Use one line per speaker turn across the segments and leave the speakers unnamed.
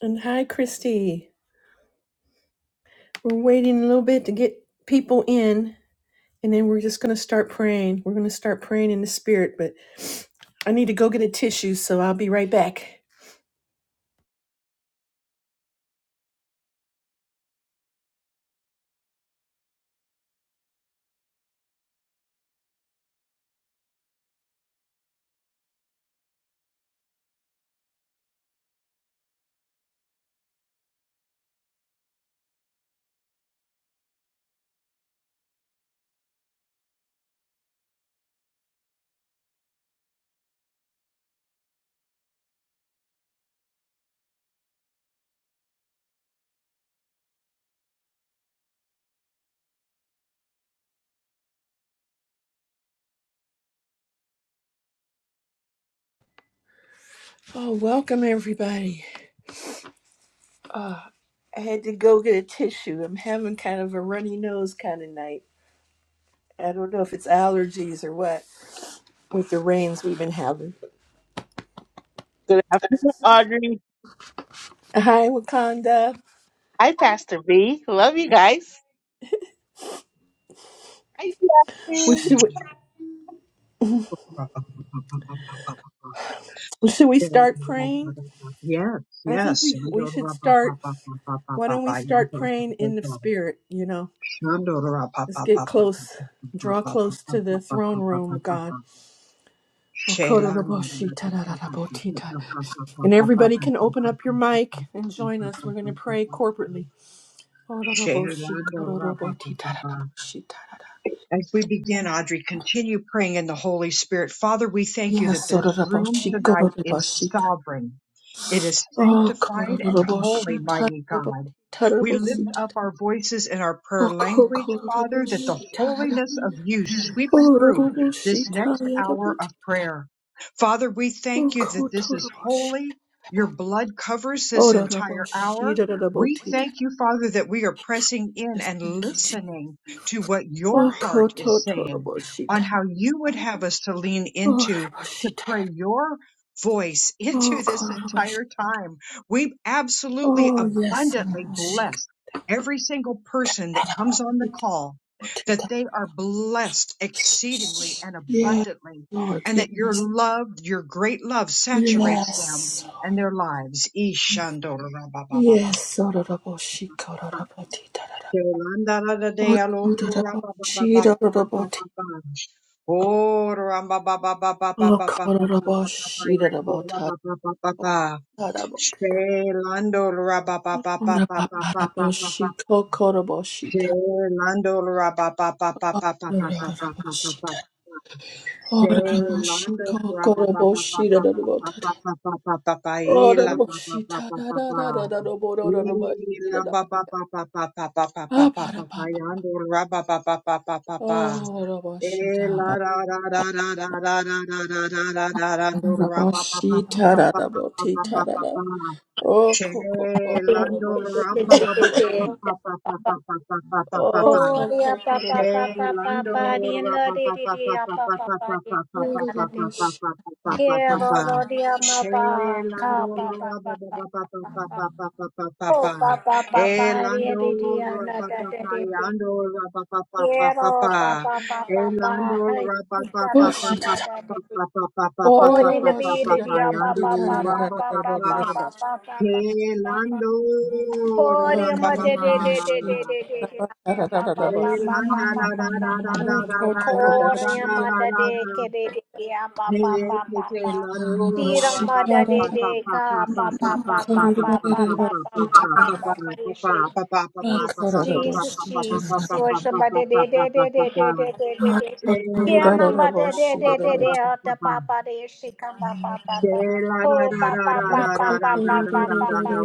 And hi, Christy. We're waiting a little bit to get people in, and then we're just going to start praying. We're going to start praying in the spirit, but I need to go get a tissue, so I'll be right back. Oh, welcome, everybody. I had to go get a tissue. I'm having kind of a runny nose kind of night. I don't know if it's allergies or what with the rains we've been having.
Good afternoon, Audrey.
Hi, Wakanda.
Hi, Pastor B. Love you guys. Hi,
We
Pastor.
should,
Yes,
should we start praying? I think
yes.
we, we should start. Why don't we start praying in the spirit, you know? Let's get close. Draw close to the throne room of God. And everybody can open up your mic and join us. We're going to pray corporately.
Shalando As we begin, Audrey, continue praying in the Holy Spirit. Father, we thank you that
Yes,
this room tonight is sovereign. It is
Oh,
sanctified and holy, mighty God. We lift up our voices in our prayer
Oh,
language, Father, that the holiness of you sweeps through this next hour of prayer. Father, we
Oh,
thank you that this is holy. Your blood covers
Oh,
this
da, da, bo,
entire
shi,
hour.
da, da, da, bo,
We
ti, da.
thank you, Father, that we are
Thank you,
pressing in
Jesus.
and
Thank you, Jesus.
listening to what your
Oh, ko,
heart
to,
is
to, da,
saying
bo, shi, da.
on how you would have us to lean
Oh, da, da,
into
bo,
to
shi, da, da,
pray
da.
your voice
Oh,
into
ko,
this
da, da, bo, shi.
entire time. We absolutely
Oh, yes, da, da,
abundantly
bo, shi,
bless
da,
every single person that
da, da, bo,
comes on
shi,
the
da,
call
bo, ti,
that
da.
they are blessed exceedingly and
Yes,
abundantly
Lord,
and that your
yes.
love, your great love saturates them
Yes.
and their lives. Ishando
Yes, oh, da, da, bo, shi, ko, da, da, bo, ti, da, da, da.
Yolanda la da de
Oh,
alo
to, da, da,
ra
bo,
ba ba ba
shi,
ba
da, da,
ba
da, bo,
ba
ti.
ba ba. Oh, ra ba ba ba ba ba ba
Oh,
ba ba ba
ko,
ba
da, da, bo,
ba ba ba.
shi, da, da, bo,
Ra
ta,
ba
da,
ba ba ba
bo,
ba.
ta, da, bo.
Shelando ra ba ba ba ba
Ora
ba ba ba
papara
ba ba ba.
boshi kokoro boshi ta.
Shelando ra ba ba ba ba ba
Ora
ba ba
rara
ba ba ba
boshi ta.
ba.
Ora
Hey,
rara boshi
Lando rapa
kokoro
pa pa pa
boshi da
pa
da da
pa
bo
pa
ta ta.
pa pa pa pa pa pa
Ora
ila
rara
pa pa
boshi
pa
ta
pa
da
pa
da
pa
da da da da bo ro ro ro boshi
ila
da da
pa
da.
pa pa pa pa pa pa pa pa
Ah
pa
para
pa pa
papa.
yando rapa pa pa pa pa pa pa
Ora rara boshi ta
ila
ba
ra ra ra ra ra ra ra ra ra ra ra ra rando rapa pa pa pa pa
da
pa
da
pa
bo
pa pa
da da.
pa pa
Oh
Che
koko kokoro
lando
Oh,
ramba
boshi da
pa
da
pa pa pa pa pa pa pa pa pa pa pa
Oh
pa
koko kokoro boshi.
Shelando
Ora rara boshi
ra-pa-pa-pa-pa-pa-pa-pa-pa-pa-pa-pa-pa-pa-pa-pa-pa. pa. pa pa pa pa pa pa pa pa pa pa pa pa pa pa pa pa pa. Shelando ra-pa-pa-pa-pa-pa-pa-pa-pa-pa-pa. Elando ra-pa-pa-pa-yando ra-pa-pa-pa-pa-pa-pa. Elando
Oh, oh, oh,
ra-pa-pa-pa-pa-pa-pa-pa-pa-pa-pa-pa-pa-pa-pa-pa-yando ra-pa-pa-pa. Elando
Thank
Podium de de de de de
ra-pa-pa-pa.
de de de ba
Hey,
ba ba ba ba ba ba ba ba ba Podium de de ke de de de ba ba ba ba ba Tiram de de de ka ba ba ba ba ba ba ba ba ba ba ba ba Jesus,
Kororo
Jesus, Jesus. Lord, somebody de de de de de de de de de. de. Here
Lando,
number de de
Boshi,
de de de out the papa de she come ba ba ba ba.
Shelanda la
Oh
la la
Papa, Papa, Papa, Papa, Papa, Papa, Papa, pa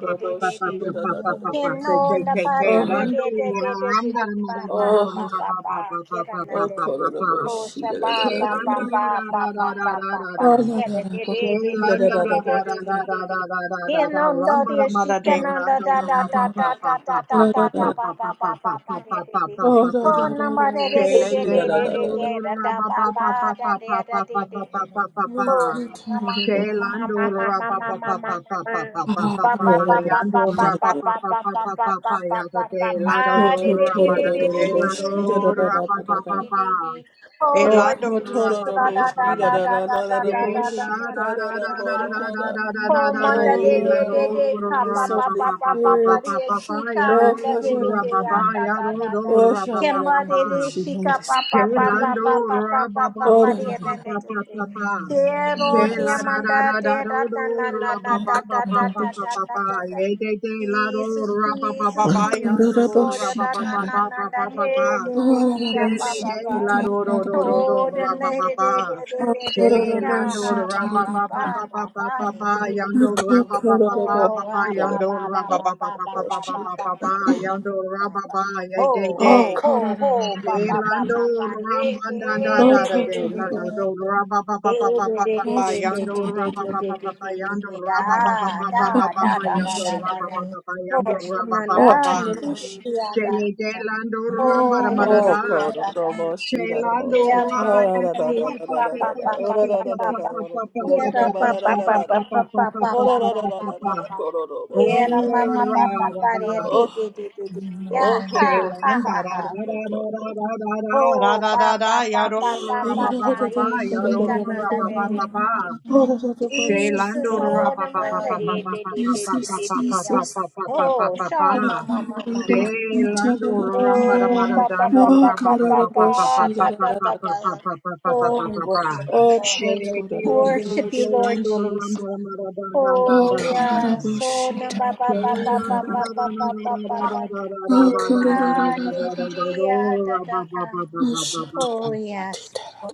de de de de de.
da da da da
Keno na ba na de de de de de de de ba ta ba ba ba kira na de o sha ba ba
da.
ba
da.
ba ba
la
ba
la
ba
la
ba
la
ba
Oh,
la.
da da
kira
da
de
bo-
de de
da,
de
da,
Shelanda
de
da,
ra
de
da,
ra
de
bo-
de
ra
de
ra
de
da, da.
ra
de de
ra ra ra ra ra
keno no
ramba ra
de
ma
shi
ra de
da
keno da
lando
la,
da
ra
la,
da
ra pa
da
la,
pa
da
pa
da da
pa
bo-
da
da,
pa
da
da, da,
pa
da
da.
pa
ba
pa
ba
pa
ba
pa
ba ba
pa
de
pa
de
pa pa
de
pa pa
Oh,
pa
da, da,
ko na
da, da,
ma de
bo-
de de
Shele
de
shi,
de
da,
de
da,
de
da,
lando
de
da, da.
de da
ra
da
pa
ba
pa pa
ba
pa
da de
pa
da
pa
de
pa pa
de
pa pa
de
pa
de
pa pa
Ro,
Oh
to, da
mama,
da, da, bo-
mama,
Shelando
mama,
ra
mama,
pa pa
mama,
pa
mama,
pa pa pa pa pa
Ah,
pa
pa
pa
da
pa
da
pa
pa
da bo-
pa
yando
pa
shi,
pa pa
da,
ra
da,
pa
pa
da.
pa
pa
pa
pa
pa
pa
pa pa
pa
pa
pa
yada
pa
de
pa pa.
lado
To,
do
Di
to,
di
ra
di
to,
ba
da,
di
da
da,
di
da,
di
da,
de
di
bo-
di
lado
shi,
di
da,
di
da,
di
da,
ra
da,
pa
da,
pa
da,
pa
di
da.
pa
di di. Oh
Oh,
Lord
Elando
ko, to,
ra
Jesus.
da,
pa
da
da,
pa
bo-
da
pa
da
shi,
da
da,
pa
da,
da
da,
da
da, da,
da
da,
yeah,
da
bo-
da da
shi, da,
da
da,
da
da,
da
da
da
ro,
da.
da, da.
Oh, manda
Oh,
de
da,
de
da,
de
da,
de, pa pa
Jesus,
pa
Holy
pa pa pa pa
Spirit.
de, shika
Oh,
randa
God,
de
yeah,
de
no,
de,
no,
ya
no.
da da da da.
Oh,
Kemma de de,
Shadadabushi, Holy
shika pa pa pa
Spirit.
pa
Shelando
pa pa pa pa pa
Oh,
pa
da, da,
de,
da,
na
da.
na de de.
rababababababababa.
Kero de
Shela
Yes.
da da
manda
da da
de
do
da da
do
na na na
Oh,
da da da da da
Kadadabushi.
da
rabababababababa.
da da.
Ye de de la do
Jesus, Jesus,
Oh,
rababababa
Jesus,
yando
oh da
Kadadabushi,
da na
Tadada.
na na da de
rabababababababa.
de de
Oh,
de, ya pa
Shele
Dadadabushi,
pa
de
pa.
la do do do do
Tadada.
do
Oh, then they did it, did
rabababa.
it,
Oh,
did it, did it, ha,
Shelando
Kadadabushi,
ha, ba, ba,
Tadada.
ba, ba, ba, de
rabababababababa
de de it.
Oh,
yando
Kadadabushi,
Oh,
rababababababa
ha, ba,
Tadada.
yando
ba, ba,
Oh,
ba, ba, ba, ba, ba, ba,
Kadadabushi, Tadada.
rabababababababa
ba, ba, ba,
yando
ba, ba.
rababa ye de
Ho,
Oh,
de.
ho, ho, ho, ba, ba, ba,
Lando
Kadadadadada.
ba, ba, de
Rambanda da
did
Oh,
da
it,
de
did
Tadadabushi.
Lando Rabba Papa Papa
Oh,
Papa Yando Rabba
Shadadadada.
Papa Papa Yando Rabba Papa
Oh,
Papa Papa Yando
Dadadabushi.
Rabba Papa Yando Rabba
Oh,
Papa
Tadadabushi.
Shele de Lando Ramba
Oh,
Madada
it, did
God, oh, no
it, did it.
more she, da
Shelando
more tea,
Yeah,
ta,
Rabba
man, and
da,
the
Papa
da, da,
Papa
dear
da, da,
pa
da, da, da,
Papa
pa
da,
pa
oh,
pa
Papa
da,
pa
da, da,
pa
da, da,
Papa
pa.
oh, da,
Papa
go, da,
Yeah,
Papa
da, ba,
pa
da, da,
Papa
pa
da,
pa pa
Papa
da, da,
pa pa
Papa
pa pa
Papa
oh,
pa
da, da, da, da,
Papa
pa
da, da,
pa
Papa
pa.
da, go,
Yeah,
Oh
mama
da
pa pa pa
da more
Rabba
she,
re
da, da, da, oh,
ti ti ti ti. ti. Yeah,
oh, ho, ho,
ha
ho,
ha
Shailam da
ha
ho,
da
ha.
da
shit,
da
da da
da
da
da da da da da
Oh,
da da
pa
da
pa pa
yado
pa
Oh,
pa
ra
pa
ba
da,
ba
pa.
da,
ba
da, da,
ba
Yeah,
da, da, da, da,
she
yado
da,
can
da,
ra
under
ba
go,
the
ba
da
the
da
ba ba
the.
Oh, da, da,
Shailam
Jesus,
do
da, da,
ra
oh,
ba
the
ba ba
man, the
ba ba ba
the
ba ba
the the
ba ba
the
ba
the
Jesus, Jesus,
ba
the.
ba
Yeah.
ba
Jesus.
ba ba
Oh,
ba ba ba
Oh, God,
shama mama
oh,
mama
da more she,
mama.
Shailam
ta, da,
do
da, da.
ra
Oh,
ba ra ma
Oh,
da
pa
dan
pa
do
pa
ra
pa
ba
pa
God,
ba
oh,
pa
ba
da
ba
pa
more
ba ba ba
she, da,
pa
da,
ba ba
pa
da, da,
pa
da.
ba ba
pa.
ba ba ba ba ba
Oh, we
ba ba
worship you,
Oh, ta,
Lord.
ta, da, da, da,
Shailam
da,
do
da,
ra
Worship
ba
she,
you,
da, da.
Lord Jesus.
ra ma da dan dan
Oh,
Oh
dan
you.
dan
yeah,
dan
so na
kararabushita.
ba
Yes.
ba ba ba ba
Amen.
ba
Kararabut.
ba ba ba ba ba.
Oh,
Oh, ka ni di di
kararararararara.
ya da da ka.
Oh,
Oh yes.
shotarabutita.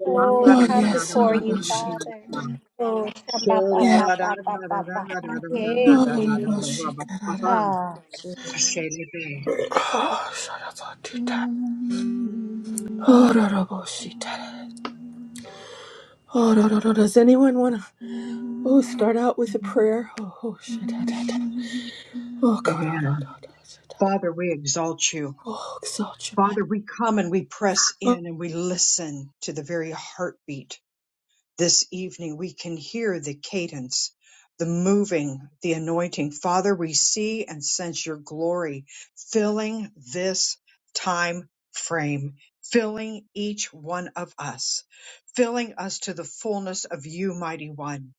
Oh, we
Oh,
come
yes,
before you,
orabushita.
Father. Oh, sha ba ba
Yes.
ba ba ba ba ba ba. Yeah,
Oh,
di di di.
orabushita. Kararara.
Ah,
Oh, shotarabutita. Oh, orabushita. Oh, no, no, no. Does anyone want to oh, start out with a prayer? Oh, oh, shit. da, da, da. Oh, God. Oh, no, no, no, shit, da, da.
Father, we exalt you.
oh exalt your
Father,
name.
we come and we press in and we listen to the very heartbeat this evening, we can hear the cadence, the moving, the anointing. Father, we see and sense your glory filling this time frame, filling each one of us, filling us to the fullness of you, mighty one.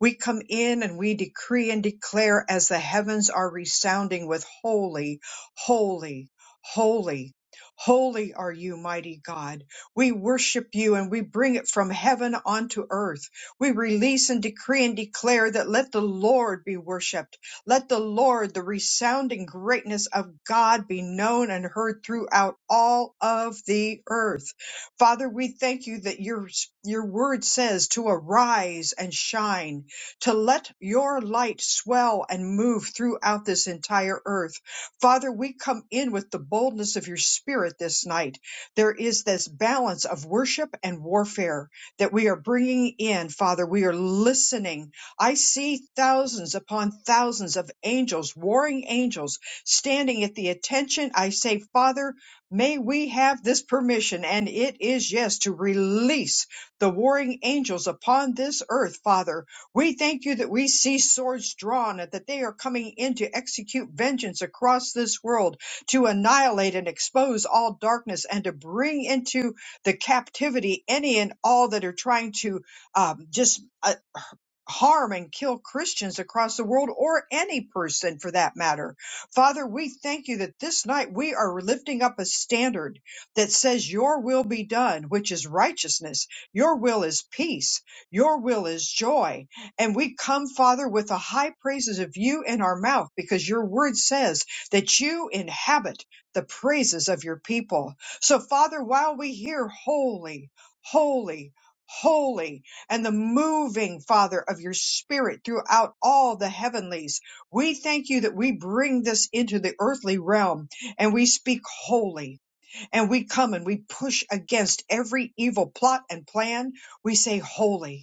We come in and we decree and declare as the heavens are resounding with holy, holy, holy, holy are you, mighty God. We worship you and we bring it from heaven onto earth. We release and decree and declare that let the Lord be worshiped. Let the Lord, the resounding greatness of God be known and heard throughout all of the earth. Father, we thank you that your, your word says to arise and shine, to let your light swell and move throughout this entire earth. Father, we come in with the boldness of your spirit this night there is this balance of worship and warfare that we are bringing in, Father. We are listening. I see thousands upon thousands of angels, warring angels, standing at the attention. I say, Father, may we have this permission, and it is yes, to release the warring angels upon this earth, Father. We thank you that we see swords drawn and that they are coming in to execute vengeance across this world to annihilate and expose all darkness and to bring into the captivity any and all that are trying to um, just uh, harm and kill Christians across the world or any person for that matter. Father, we thank you that this night we are lifting up a standard that says your will be done, which is righteousness. Your will is peace. Your will is joy. And we come, Father, with the high praises of you in our mouth because your word says that you inhabit the praises of your people. So Father, while we hear holy, holy, holy and the moving, Father, of your spirit throughout all the heavenlies. We thank you that we bring this into the earthly realm and we speak holy and we come and we push against every evil plot and plan. We say holy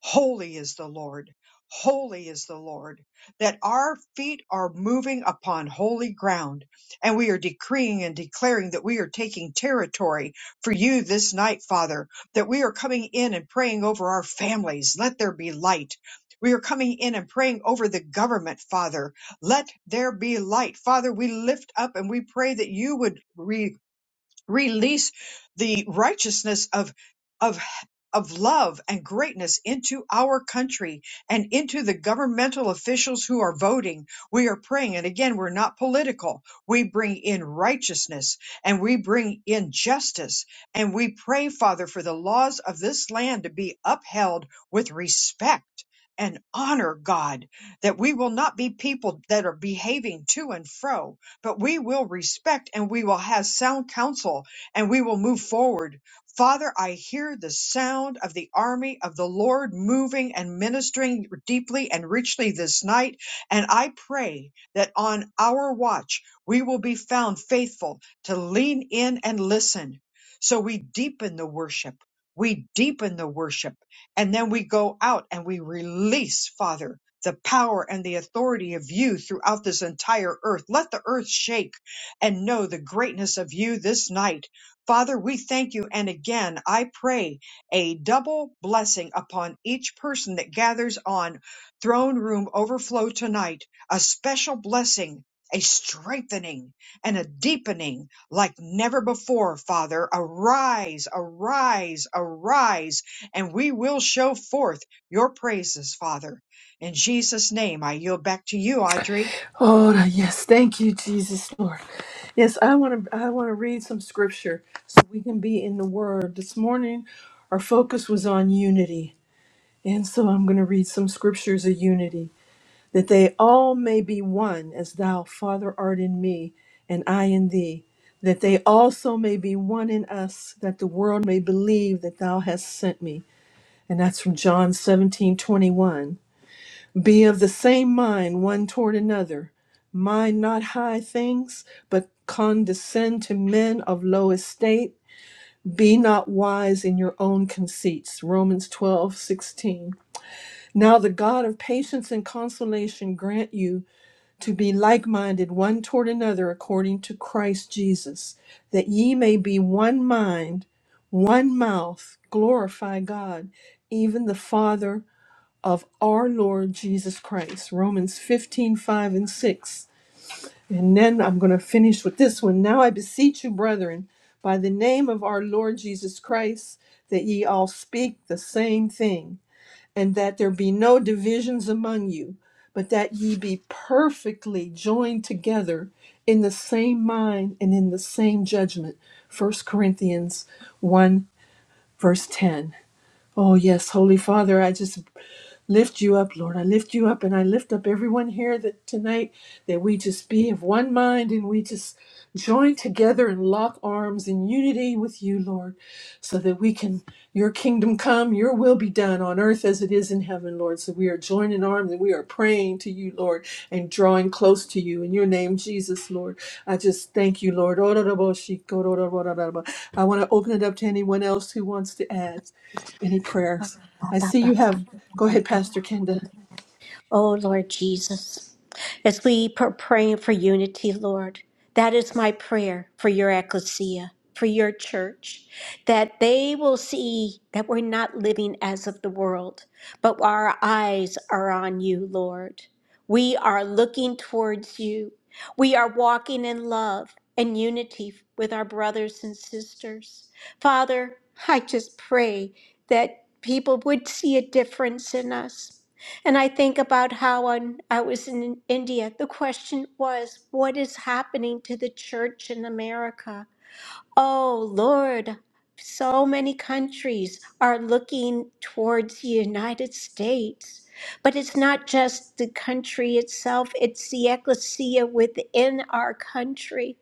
Holy is the Lord. Holy is the Lord. That our feet are moving upon holy ground. And we are decreeing and declaring that we are taking territory for you this night, Father. That we are coming in and praying over our families. Let there be light. We are coming in and praying over the government, Father. Let there be light. Father, we lift up and we pray that you would release the righteousness of of of love and greatness into our country and into the governmental officials who are voting. We are praying. And again, we're not political. We bring in righteousness and we bring in justice. And we pray, Father, for the laws of this land to be upheld with respect and honor, God, that we will not be people that are behaving to and fro but we will respect and we will have sound counsel and we will move forward. Father, I hear the sound of the army of the Lord moving and ministering deeply and richly this night. And I pray that on our watch, we will be found faithful to lean in and listen. So we deepen the worship. We deepen the worship and then we go out and we release, Father the power and the authority of you throughout this entire earth. Let the earth shake and know the greatness of you this night. Father, we thank you. And again, I pray a double blessing upon each person that gathers on throne room overflow tonight, a special blessing, a strengthening and a deepening like never before, Father. Arise, arise, arise, and we will show forth your praises, Father. In Jesus' name, I yield back to you, Audrey.
Oh yes, thank you, Jesus Lord. Yes, I want to I want to read some scripture so we can be in the Word. This morning, our focus was on unity, and so I'm going to read some scriptures of unity, that they all may be one, as Thou Father art in me, and I in Thee, that they also may be one in us, that the world may believe that Thou hast sent me, and that's from John 17:21. Be of the same mind one toward another. Mind not high things, but condescend to men of low estate. Be not wise in your own conceits. Romans twelve sixteen. Now the God of patience and consolation grant you to be like minded one toward another according to Christ Jesus, that ye may be one mind, one mouth, glorify God, even the Father of our Lord Jesus Christ. Romans 15 5 and 6. And then I'm going to finish with this one. Now I beseech you, brethren, by the name of our Lord Jesus Christ, that ye all speak the same thing, and that there be no divisions among you, but that ye be perfectly joined together in the same mind and in the same judgment. First Corinthians 1, verse 10. Oh, yes, Holy Father, I just lift you up, Lord. I lift you up and I lift up everyone here that tonight that we just be of one mind and we just join together and lock arms in unity with you, Lord, so that we can your kingdom come, your will be done on earth as it is in heaven, Lord. So we are joining arms and we are praying to you, Lord, and drawing close to you in your name, Jesus, Lord. I just thank you, Lord. I want to open it up to anyone else who wants to add. Any prayers?
ba
I
ba
see
ba
you
ba
have. Go
ba
ahead,
ba
Pastor Kenda.
ba. Oh, Lord Jesus, as we pr- pray for unity, Lord, that is my prayer for your ecclesia, for your church, that they will see that we're not living as of the world, but our eyes are on you, Lord. We are looking towards you. We are walking in love and unity with our brothers and sisters. Father, I just pray that people would see a difference in us and I think about how when I was in India, the question was, what is happening to the church in America? Oh Lord, so many countries are looking towards the United States. But it's not just the country itself, it's the ecclesia within our country.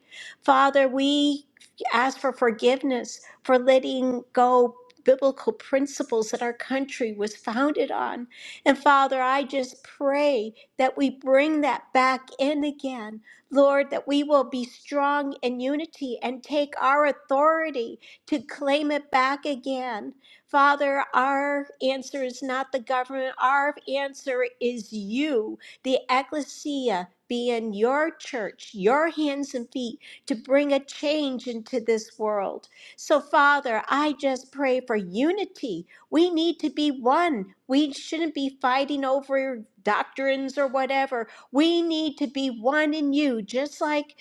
Father, we ask for forgiveness for letting go biblical principles that our country was founded on. And Father, I just pray that we bring that back in again Lord, that we will be strong in unity and take our authority to claim it back again. Father, our answer is not the government, our answer is you, the ecclesia. Being your church, your hands and feet to bring a change into this world. So, Father, I just pray for unity we need to be one. We shouldn't be fighting over doctrines or whatever. We need to be one in you, just like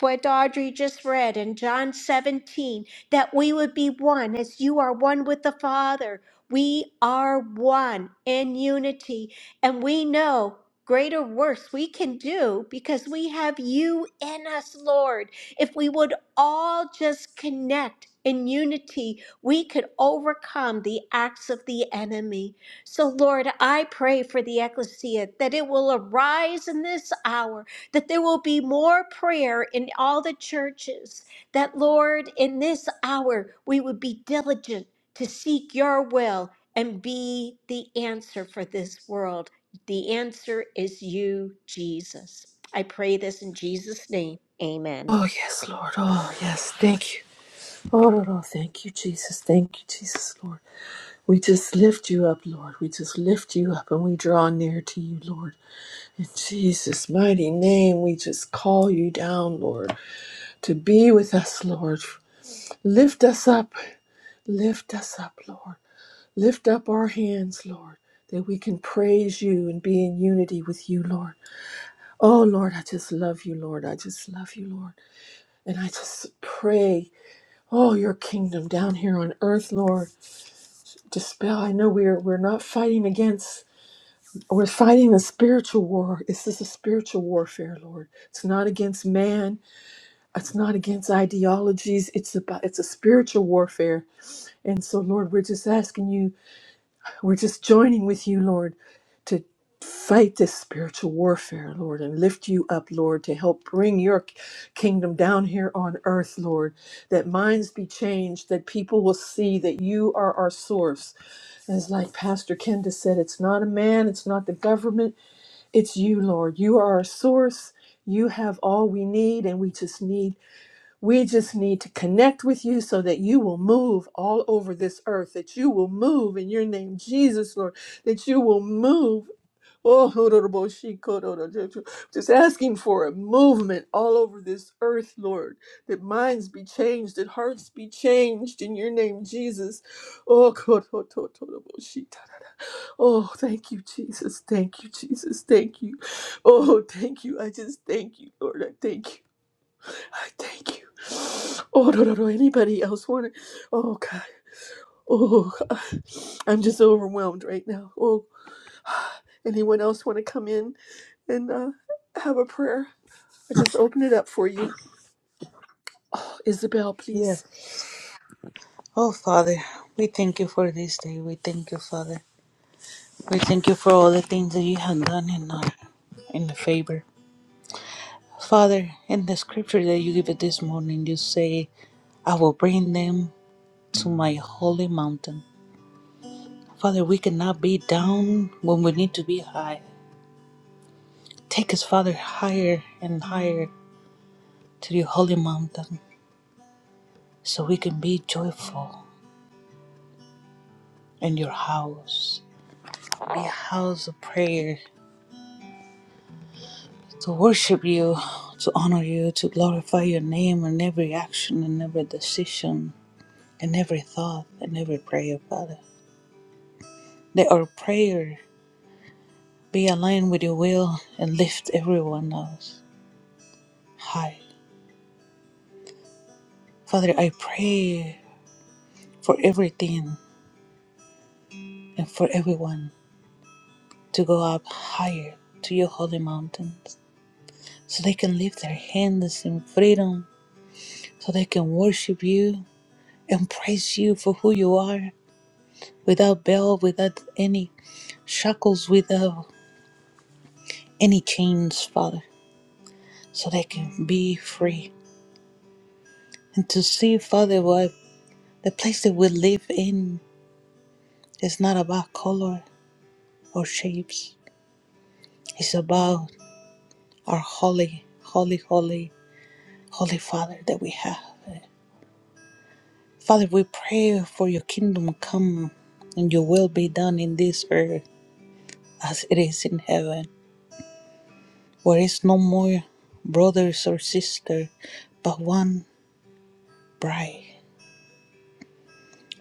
what Audrey just read in John 17, that we would be one as you are one with the Father. We are one in unity, and we know greater works we can do because we have you in us, Lord. If we would all just connect in unity, we could overcome the acts of the enemy. So, Lord, I pray for the ecclesia that it will arise in this hour, that there will be more prayer in all the churches, that, Lord, in this hour, we would be diligent to seek your will and be the answer for this world. The answer is you, Jesus. I pray this in Jesus' name. Amen.
Oh, yes, Lord. Oh, yes. Thank you. Oh, no, no. Thank you, Jesus. Thank you, Jesus, Lord. We just lift you up, Lord. We just lift you up and we draw near to you, Lord. In Jesus' mighty name, we just call you down, Lord, to be with us, Lord. Lift us up. Lift us up, Lord. Lift up our hands, Lord, that we can praise you and be in unity with you, Lord. Oh Lord, I just love you, Lord. I just love you, Lord. And I just pray, oh, your kingdom down here on earth, Lord. Dispel. I know we're we're not fighting against we're fighting a spiritual war. This is a spiritual warfare, Lord. It's not against man. It's not against ideologies. It's about it's a spiritual warfare. And so, Lord, we're just asking you We're just joining with you, Lord, to fight this spiritual warfare, Lord, and lift you up, Lord, to help bring your k- kingdom down here on earth, Lord, that minds be changed, that people will see that you are our source. As like Pastor Kenda said, it's not a man, it's not the government, it's you, Lord. You are our source. You have all we need, and we just need we just need to connect with you so that you will move all over this earth, that you will move in your name, Jesus, Lord, that you will move. Oh, just asking for a movement all over this earth, Lord, that minds be changed, that hearts be changed in your name, Jesus. Oh, oh thank you, Jesus. Thank you, Jesus. Thank you. Oh, thank you. I just thank you, Lord. I thank you. I thank you. Oh, no, no, no. Anybody else want it? Oh, God. Oh, God. I'm just overwhelmed right now. Oh, anyone else want to come in and uh, have a prayer? I just open it up for you. Oh, Isabel, please.
Oh, Father, we thank you for this day. We thank you, Father. We thank you for all the things that you have done in our, in the favor. Father, in the scripture that you give it this morning, you say, I will bring them to my holy mountain. Father, we cannot be down when we need to be high. Take us, Father, higher and higher to your holy mountain so we can be joyful in your house. Be a house of prayer to worship you, to honor you, to glorify your name in every action and every decision and every thought and every prayer, Father. Let our prayer be aligned with your will and lift everyone else high. Father, I pray for everything and for everyone to go up higher to your holy mountains so they can lift their hands in freedom, so they can worship you and praise you for who you are without bell, without any shackles, without any chains, Father, so they can be free. And to see, Father, what the place that we live in is not about color or shapes, it's about our holy, holy, holy, holy Father that we have. Father, we pray for your kingdom come and your will be done in this earth as it is in heaven. Where is no more brothers or sister, but one bride.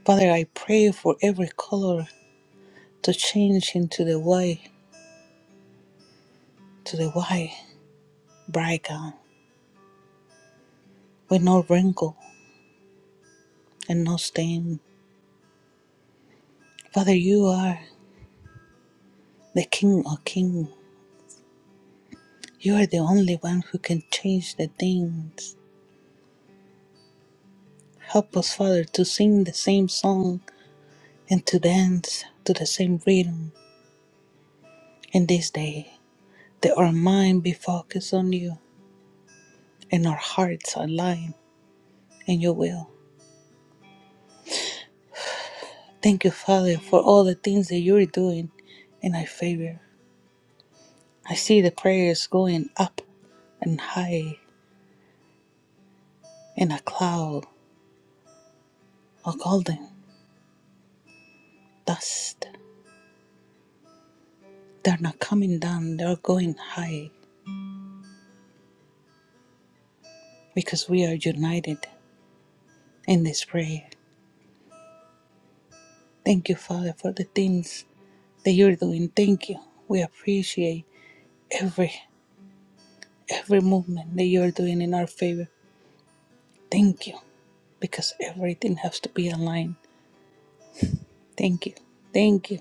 Father, I pray for every color to change into the white, to the white bride gown, with no wrinkle and no stain. Father, you are the King of kings. You are the only one who can change the things. Help us, Father, to sing the same song and to dance to the same rhythm in this day. That our mind be focused on you and our hearts align in your will. Thank you, Father, for all the things that you're doing in our favor. I see the prayers going up and high in a cloud of golden dust. They're not coming down, they're going high because we are united in this prayer. Thank you, Father, for the things that you're doing. Thank you. We appreciate every every movement that you're doing in our favor. Thank you. Because everything has to be aligned Thank you. Thank you.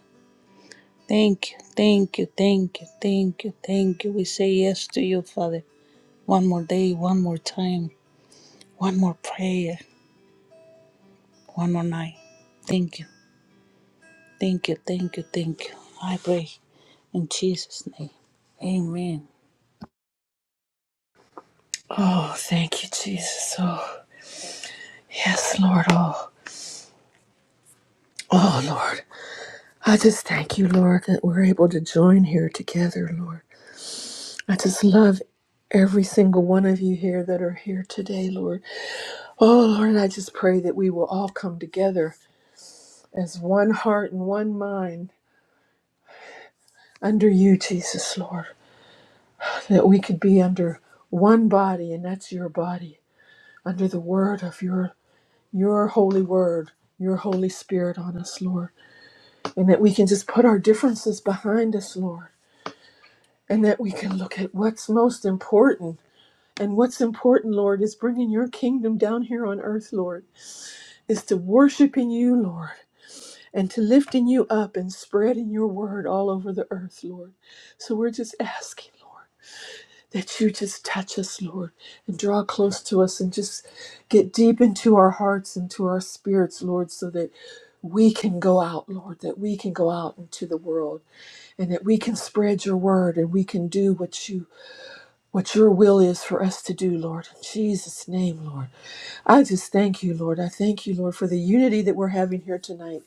Thank you. Thank you. Thank you. Thank you. Thank you. We say yes to you, Father. One more day, one more time, one more prayer, one more night. Thank you. Thank you. Thank you. Thank you. I pray in Jesus' name. Amen.
Oh, thank you, Jesus. Oh, yes, Lord. Oh, oh, Lord. I just thank you, Lord, that we're able to join here together, Lord. I just love every single one of you here that are here today, Lord. Oh, Lord, I just pray that we will all come together as one heart and one mind under you, Jesus, Lord. That we could be under one body, and that's your body, under the word of your, your holy word, your Holy Spirit on us, Lord. And that we can just put our differences behind us, Lord. And that we can look at what's most important. And what's important, Lord, is bringing your kingdom down here on earth, Lord, is to worshiping you, Lord and to lifting you up and spreading your word all over the earth, Lord. So we're just asking, Lord, that you just touch us, Lord, and draw close to us and just get deep into our hearts and to our spirits, Lord, so that we can go out, Lord, that we can go out into the world and that we can spread your word and we can do what you what your will is for us to do, Lord. In Jesus' name, Lord. I just thank you, Lord. I thank you, Lord, for the unity that we're having here tonight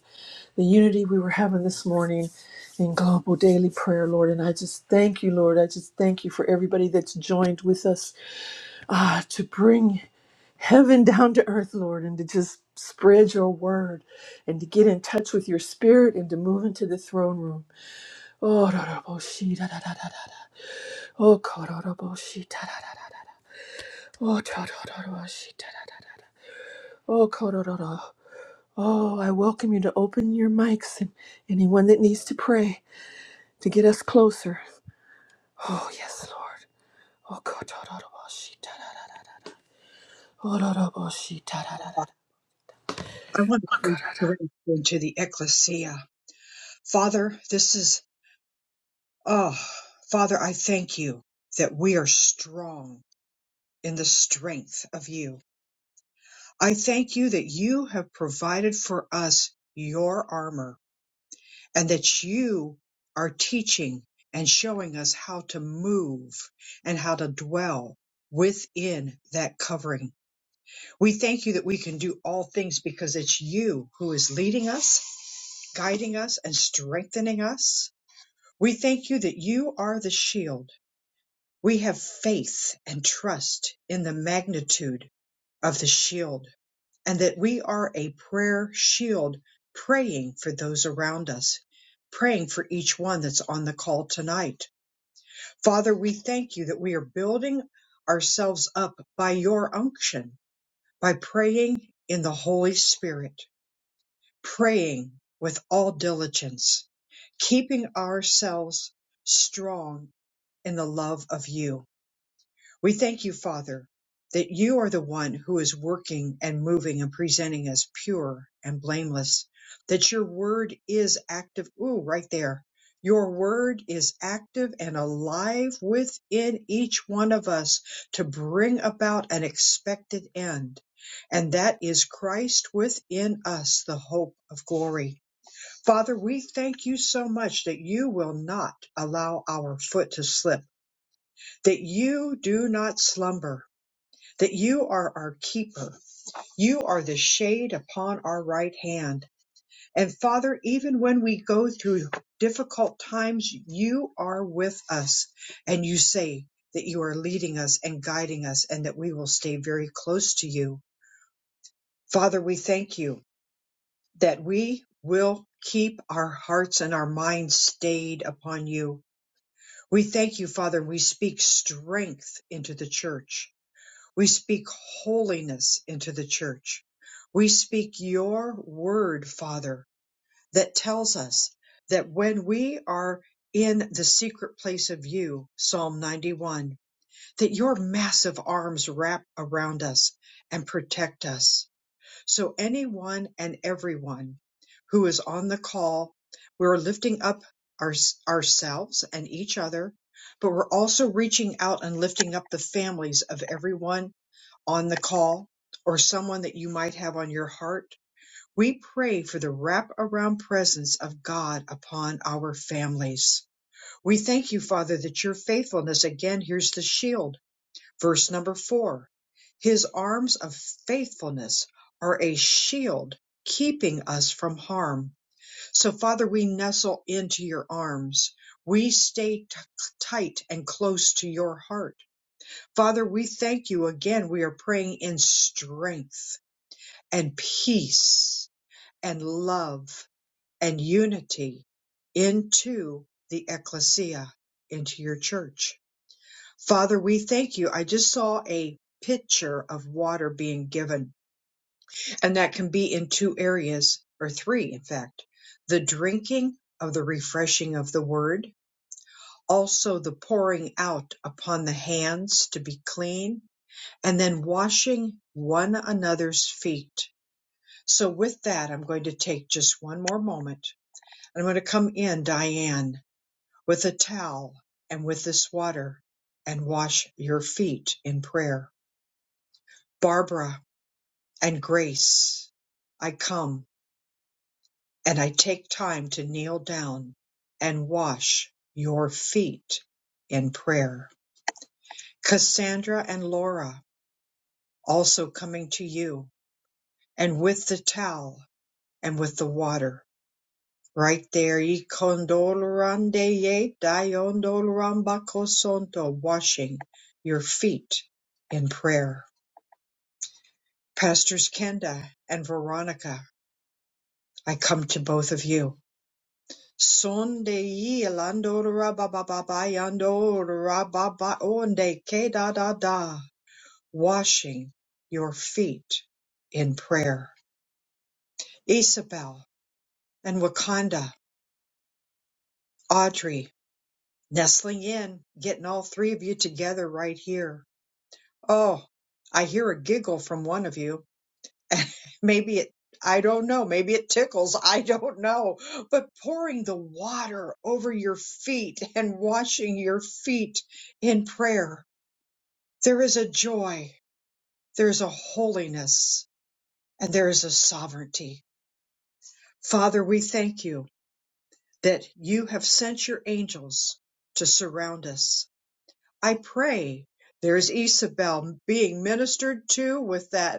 the unity we were having this morning in global daily prayer, Lord. And I just thank you, Lord. I just thank you for everybody that's joined with us ah, to bring heaven down to earth, Lord, and to just spread your word and to get in touch with your spirit and to move into the throne room. Oh, da, da, bo, shi, da, da, da, da, da. Oh, ko, da, da, bo, shi, da, da, da, da, da. Oh, da, da, da, da, shi, da, da, da, da, da. Oh, ko, da, da, da. Oh, I welcome you to open your mics and anyone that needs to pray. to get us closer. Oh, yes, Lord. Oh, God. Oh, God. Oh, God. Oh, God. Oh, God.
I want to
Oh,
pray
God.
directly to the ecclesia. Father, this is, oh, Father, I thank you that we are strong in the strength of you. I thank you that you have provided for us your armor and that you are teaching and showing us how to move and how to dwell within that covering. We thank you that we can do all things because it's you who is leading us, guiding us, and strengthening us. We thank you that you are the shield. We have faith and trust in the magnitude of the shield and that we are a prayer shield praying for those around us, praying for each one that's on the call tonight. Father, we thank you that we are building ourselves up by your unction, by praying in the Holy Spirit praying with all diligence, keeping ourselves strong in the love of you. We thank you, Father, that you are the one who is working and moving and presenting us pure and blameless, that your word is active. Ooh, right there. Your word is active and alive within each one of us to bring about an expected end. And that is Christ within us, the hope of glory. Father, we thank you so much that you will not allow our foot to slip, that you do not slumber that you are our keeper. You are the shade upon our right hand. And Father, even when we go through difficult times, you are with us. And you say that you are leading us and guiding us and that we will stay very close to you. Father, we thank you that we will keep our hearts and our minds stayed upon you. We thank you, Father. We speak strength into the church We speak holiness into the church. We speak your word, Father, that tells us that when we are in the secret place of you, Psalm 91, that your massive arms wrap around us and protect us. So anyone and everyone who is on the call, we're lifting up our, ourselves and each other, but we're also reaching out and lifting up the families of everyone on the call or someone that you might have on your heart, we pray for the wraparound presence of God upon our families. We thank you, Father, that your faithfulness, again, here's the shield, verse number four. His arms of faithfulness are a shield keeping us from harm. So, Father, we nestle into your arms. We stay t- tight and close to your heart Father, we thank you again. We are praying in strength and peace and love and unity into the ecclesia, into your church. Father, we thank you. I just saw a pitcher of water being given, and that can be in two areas, or three, in fact the drinking of the refreshing of the word, also the pouring out upon the hands to be clean and then washing one another's feet. So with that, I'm going to take just one more moment. I'm going to come in, Diane, with a towel and with this water and wash your feet in prayer. Barbara and Grace, I come and I take time to kneel down and wash your feet in prayer. Cassandra and Laura, also coming to you and with the towel and with the water right there. Ikondolorandeye dayondolorambakosonto, Washing your feet in prayer. Pastors Kenda and Veronica, I come to both of you. Sondeyi da. Washing your feet in prayer. Isabel and Wakanda, Audrey, nestling in, getting all three of you together right here Oh, I hear a giggle from one of you. maybe it, I don't know, maybe it tickles, I don't know. But pouring the water over your feet and washing your feet in prayer, there is a joy, there's a holiness, and there is a sovereignty. Father, we thank you that you have sent your angels to surround us. I pray there's Isabel being ministered to with that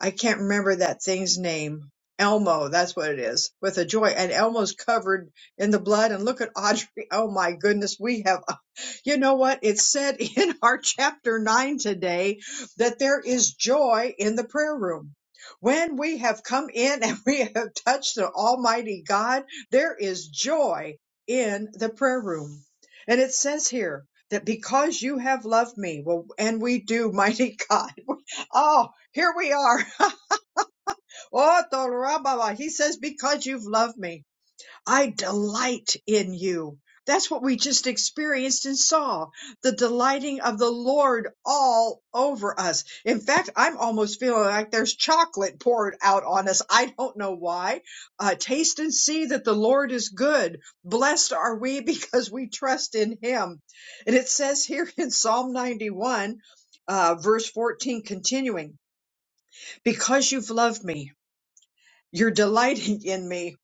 I can't remember that thing's name. Elmo, that's what it is, with a joy. And Elmo's covered in the blood. And look at Audrey. Oh my goodness, we have, you know what? It said in our chapter nine today that there is joy in the prayer room. When we have come in and we have touched the Almighty God, there is joy in the prayer room. And it says here that because you have loved me, well, and we do, mighty God. Oh, here we are. Oh, Torababa, he says, because you've loved me, I delight in you. That's what we just experienced and saw the delighting of the Lord all over us. In fact, I'm almost feeling like there's chocolate poured out on us. I don't know why. Uh, taste and see that the Lord is good. Blessed are we because we trust in him. And it says here in Psalm 91, uh, verse 14, continuing, because you've loved me. You're delighting in me,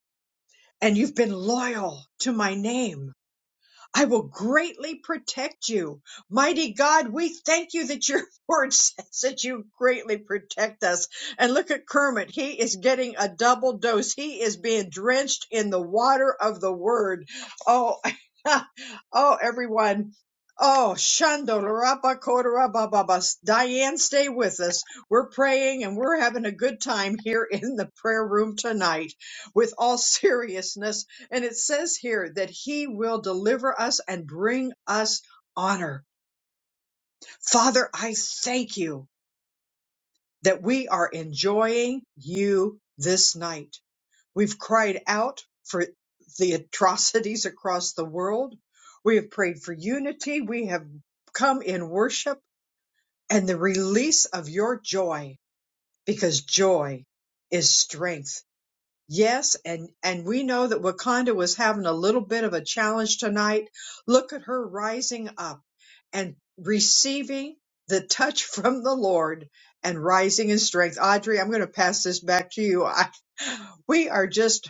and you've been loyal to my name. I will greatly protect you. Mighty God, we thank you that your word says that you greatly protect us. And look at Kermit. He is getting a double dose. He is being drenched in the water of the word. Oh, oh, everyone. Oh, Shando Larapa Kodara Bababas. Diane, stay with us. We're praying and we're having a good time here in the prayer room tonight with all seriousness. And it says here that he will deliver us and bring us honor. Father, I thank you that we are enjoying you this night. We've cried out for the atrocities across the world. We have prayed for unity. We have come in worship and the release of your joy because joy is strength Yes, and and we know that Wakanda was having a little bit of a challenge tonight. Look at her rising up and receiving the touch from the Lord and rising in strength. Audrey, I'm going to pass this back to you. I, we are just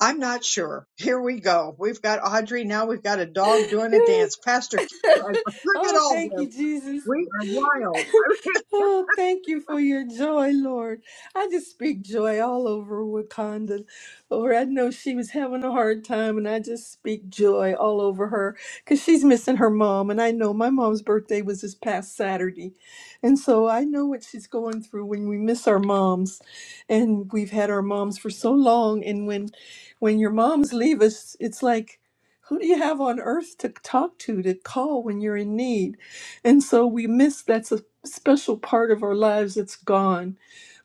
I'm not sure. Here we go. We've got Audrey now. We've got a dog
Oh,
doing a
God.
dance. Pastor, Keith, look at
Oh,
all
thank you,
this.
Jesus.
We are wild.
Oh, thank you for your joy, Lord. I just speak joy all over Wakanda. Lord, I know she was having a hard time, and I just speak joy all over her because she's missing her mom. And I know my mom's birthday was this past Saturday. And so I know what she's going through when we miss our moms. And we've had our moms for so long. And when when your moms leave us, it's like who do you have on earth to talk to, to call when you're in need? And so we miss that's a special part of our lives that's gone.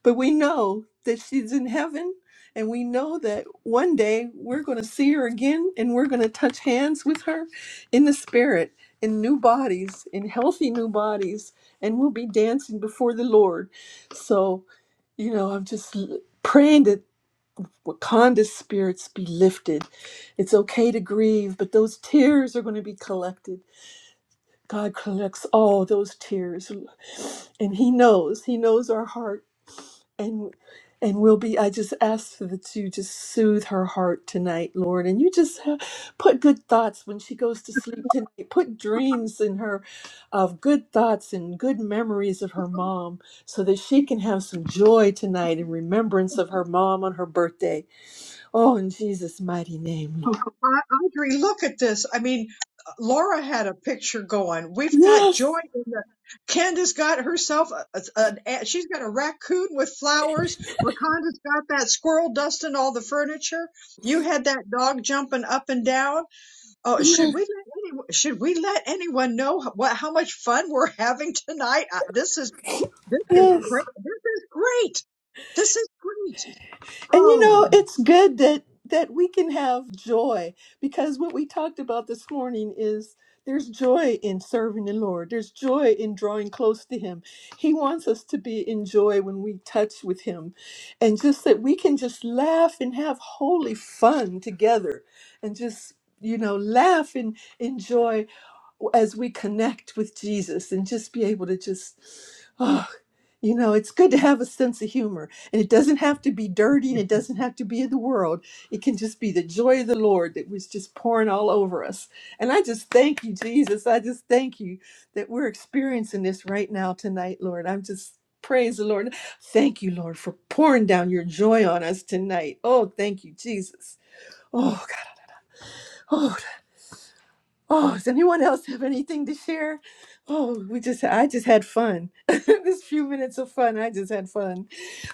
But we know that she's in heaven, and we know that one day we're going to see her again and we're going to touch hands with her in the spirit, in new bodies, in healthy new bodies, and we'll be dancing before the Lord. So, you know, I'm just l- praying that what Wakanda spirits be lifted. It's okay to grieve, but those tears are going to be collected. God collects all those tears, and He knows. He knows our heart, and and we'll be. I just ask that you just soothe her heart tonight, Lord, and you just ha- put good thoughts when she goes to sleep tonight. Put dreams in her of good thoughts and good memories of her mom, so that she can have some joy tonight in remembrance of her mom on her birthday. Oh, in Jesus' mighty name,
Oh,
Lord.
I- Audrey, look at this. I mean, Laura had a picture going. We've got
Yes,
joy in the. Candace got herself a, a, a- she's got a raccoon with flowers. Wakanda's got that squirrel dusting all the furniture. You had that dog jumping up and down. Oh, should
yes,
we let any, should we let anyone know h- what how much fun we're having tonight? Uh, this is this is
yes.
great. This is great. This is great.
And you
Oh,
know, it's good that that we can have joy because what we talked about this morning is there's joy in serving the Lord. There's joy in drawing close to Him. He wants us to be in joy when we touch with Him, and just that we can just laugh and have holy fun together, and just you know laugh and enjoy as we connect with Jesus and just be able to just, oh, you know, it's good to have a sense of humor. And it doesn't have to be dirty and it doesn't have to be in the world. It can just be the joy of the Lord that was just pouring all over us. And I just thank you, Jesus. I just thank you that we're experiencing this right now tonight, Lord. I'm just. Praise the Lord. Thank you, Lord, for pouring down your joy on us tonight. Oh, thank you, Jesus. Oh, God. Oh, Oh, does anyone else have anything to share? Oh, we just I just had fun. this few minutes of fun, I just had fun.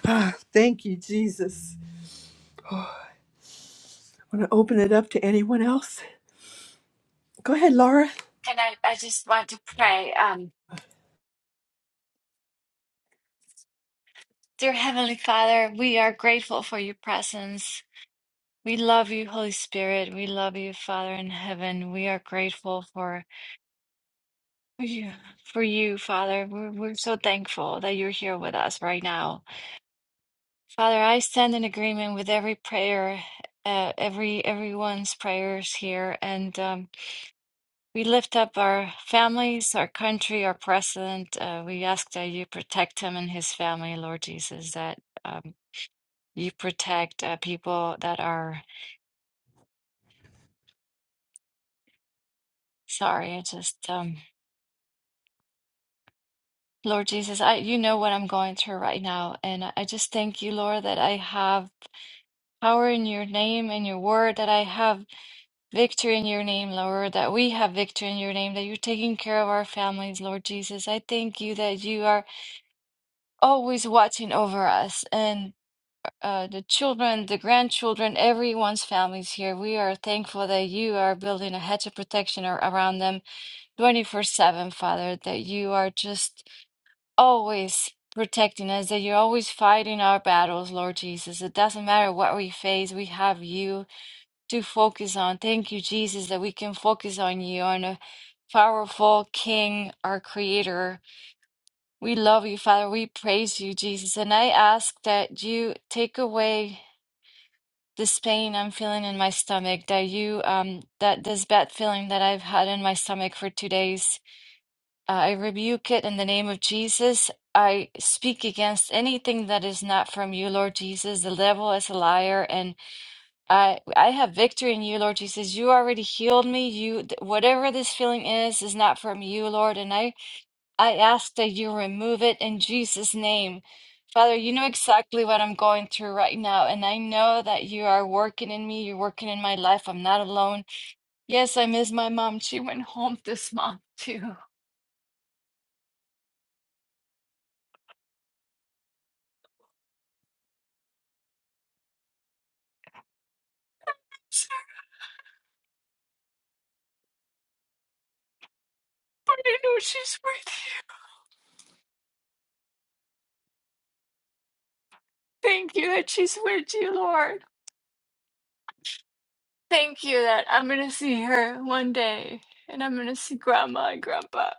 Ah, thank you, Jesus. Want to open it up to anyone else? Go ahead, Laura.
And I, I just want to pray. Um, dear Heavenly Father, we are grateful for your presence. We love you, Holy Spirit. We love you, Father in heaven. We are grateful for you, for you Father. We're, we're so thankful that you're here with us right now. Father, I stand in agreement with every prayer, uh, every everyone's prayers here, and um, we lift up our families, our country, our president. Uh, we ask that you protect him and his family, Lord Jesus. That um, You protect uh, people that are sorry. I just, um, Lord Jesus, I you know what I'm going through right now, and I I just thank you, Lord, that I have power in your name and your word, that I have victory in your name, Lord, that we have victory in your name, that you're taking care of our families, Lord Jesus. I thank you that you are always watching over us and uh, the children, the grandchildren, everyone's families here. We are thankful that you are building a hedge of protection ar- around them 24 7, Father, that you are just always protecting us, that you're always fighting our battles, Lord Jesus. It doesn't matter what we face, we have you to focus on. Thank you, Jesus, that we can focus on you, on a powerful King, our Creator. We love you, Father. We praise you, Jesus. And I ask that you take away this pain I'm feeling in my stomach, that you, um, that this bad feeling that I've had in my stomach for two days Uh, I rebuke it in the name of Jesus. I speak against anything that is not from you, Lord Jesus. The devil is a liar, and I I have victory in you, Lord Jesus. You already healed me. You th- whatever this feeling is is not from you, Lord, and I I ask that you remove it in Jesus' name. Father, you know exactly what I'm going through right now, and I know that you are working in me. You're working in my life. I'm not alone. Yes, I miss my mom. She went, oh, she's with. Thank you that she's with you, Lord. Thank you that I'm going to see her one day and I'm going to see grandma and grandpa.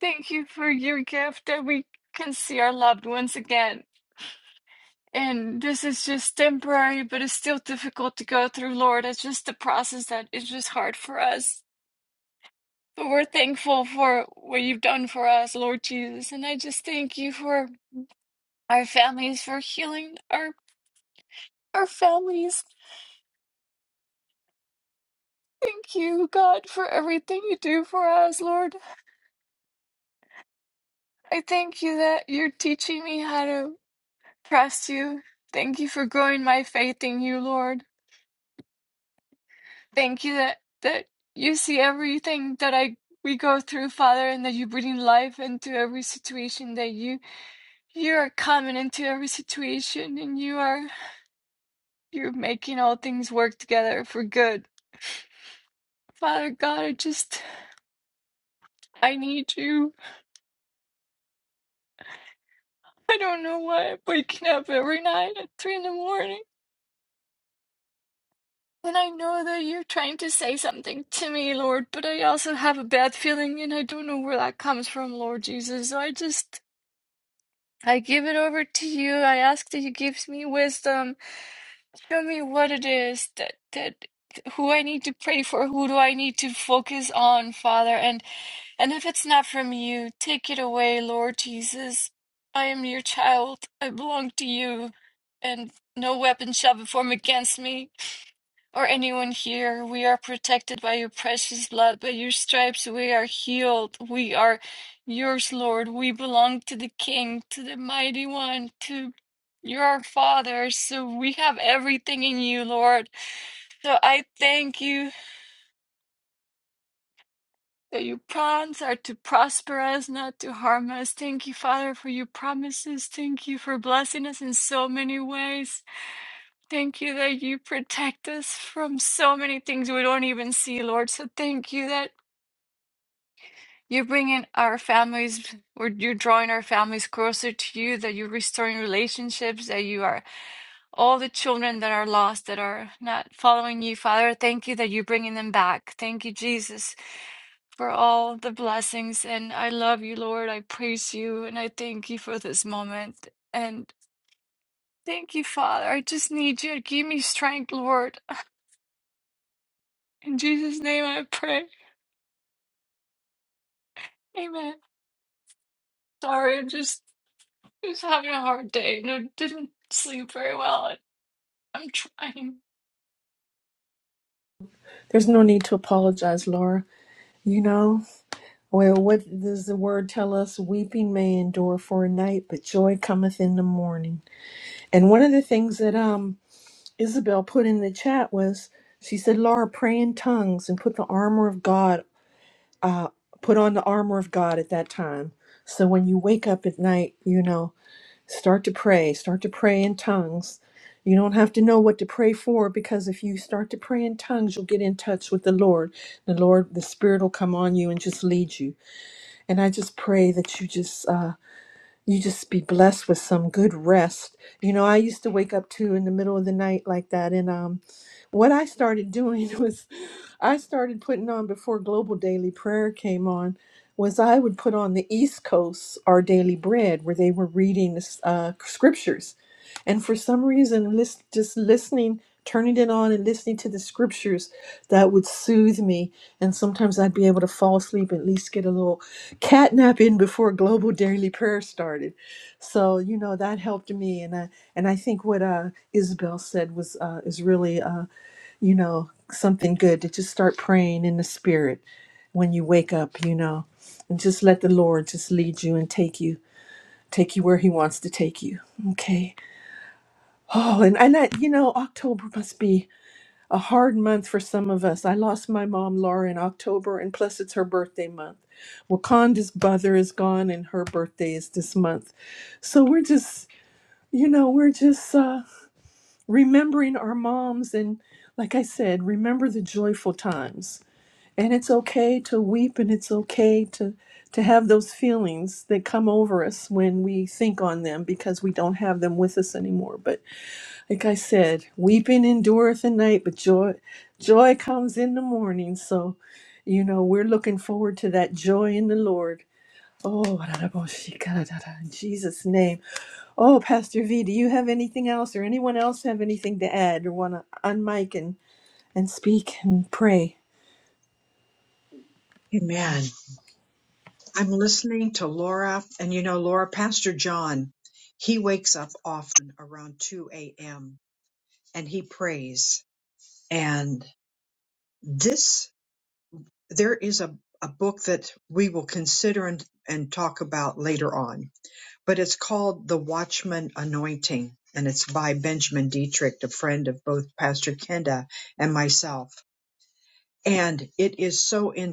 Thank you for your gift that we can see our loved ones again. And this is just temporary, but it's still difficult to go through, Lord. It's just the process that is just hard for us. But we're thankful for what you've done for us, Lord Jesus. And I just thank you for our families, for healing our, our families. Thank you, God, for everything you do for us, Lord. I thank you that you're teaching me how to trust you. Thank you for growing my faith in you, Lord. Thank you that that you see everything that I we go through, Father, and that you bring life into every situation. That you you are coming into every situation, and you are you're making all things work together for good. Father God, I just I need you. I don't know why I'm waking up every night at three in the morning. And I know that you're trying to say something to me, Lord, but I also have a bad feeling and I don't know where that comes from, Lord Jesus. So I just, I give it over to you. I ask that you give me wisdom. Show me what it is that, that, who I need to pray for, who do I need to focus on, Father, and and if it's not from you, take it away, Lord Jesus. I am your child. I belong to you, and no weapon shall be formed against me or anyone here. We are protected by your precious blood, by your stripes we are healed. We are yours, Lord. We belong to the King, to the Mighty One, to your Father. So we have everything in you, Lord. So I thank you that your plans are to prosper us, not to harm us. Thank you, Father, for your promises. Thank you for blessing us in so many ways. Thank you that you protect us from so many things we don't even see, Lord. So thank you that. You're bringing our families, or you're drawing our families closer to you, that you're restoring relationships, that you are all the children that are lost, that are not following you, Father. Thank you that you're bringing them back. Thank you, Jesus, for all the blessings. And I love you, Lord. I praise you, and I thank you for this moment. And thank you, Father. I just need you. Give me strength, Lord. In Jesus' name I pray. Amen. Sorry, I'm just, just having a hard day. No, didn't sleep very well. I'm trying.
There's no need to apologize, Laura. You know, well, what does the word tell us? Weeping may endure for a night, but joy cometh in the morning. And one of the things that um Isabel put in the chat was she said, Laura, pray in tongues and put the armor of God uh, put on the armor of God at that time. So when you wake up at night, you know, start to pray, start to pray in tongues. You don't have to know what to pray for because if you start to pray in tongues, you'll get in touch with the Lord. The Lord, the Spirit will come on you and just lead you. And I just pray that you just uh, you just be blessed with some good rest. You know, I used to wake up too in the middle of the night like that. And um, what I started doing was I started putting on before Global Daily Prayer came on was I would put on the East Coast Our Daily Bread where they were reading the s- uh, scriptures and for some reason, list, just listening, turning it on and listening to the scriptures, that would soothe me. And sometimes I'd be able to fall asleep, at least get a little catnap in before global daily prayer started. So, you know, that helped me. And I, and I think what uh, Isabel said was uh, is really, uh, you know, something good to just start praying in the spirit when you wake up, you know, and just let the Lord just lead you and take you, take you where he wants to take you. Okay. Oh, and and I, you know, October must be a hard month for some of us. I lost my mom, Laura, in October, and plus it's her birthday month. Wakanda's mother is gone, and her birthday is this month. So we're just, you know, we're just uh, remembering our moms, and like I said, remember the joyful times. And it's okay to weep, and it's okay to to have those feelings that come over us when we think on them because we don't have them with us anymore. But like I said, weeping endureth a night, but joy joy comes in the morning. So, you know, we're looking forward to that joy in the Lord. Oh, in Jesus' name. Oh, Pastor V, do you have anything else or anyone else have anything to add or want to unmic and, and speak and pray?
amen. I'm listening to Laura, and you know, Laura, Pastor John, he wakes up often around 2 a.m. and he prays. And this, there is a, a book that we will consider and, and talk about later on, but it's called The Watchman Anointing, and it's by Benjamin Dietrich, a friend of both Pastor Kenda and myself. And it is so in.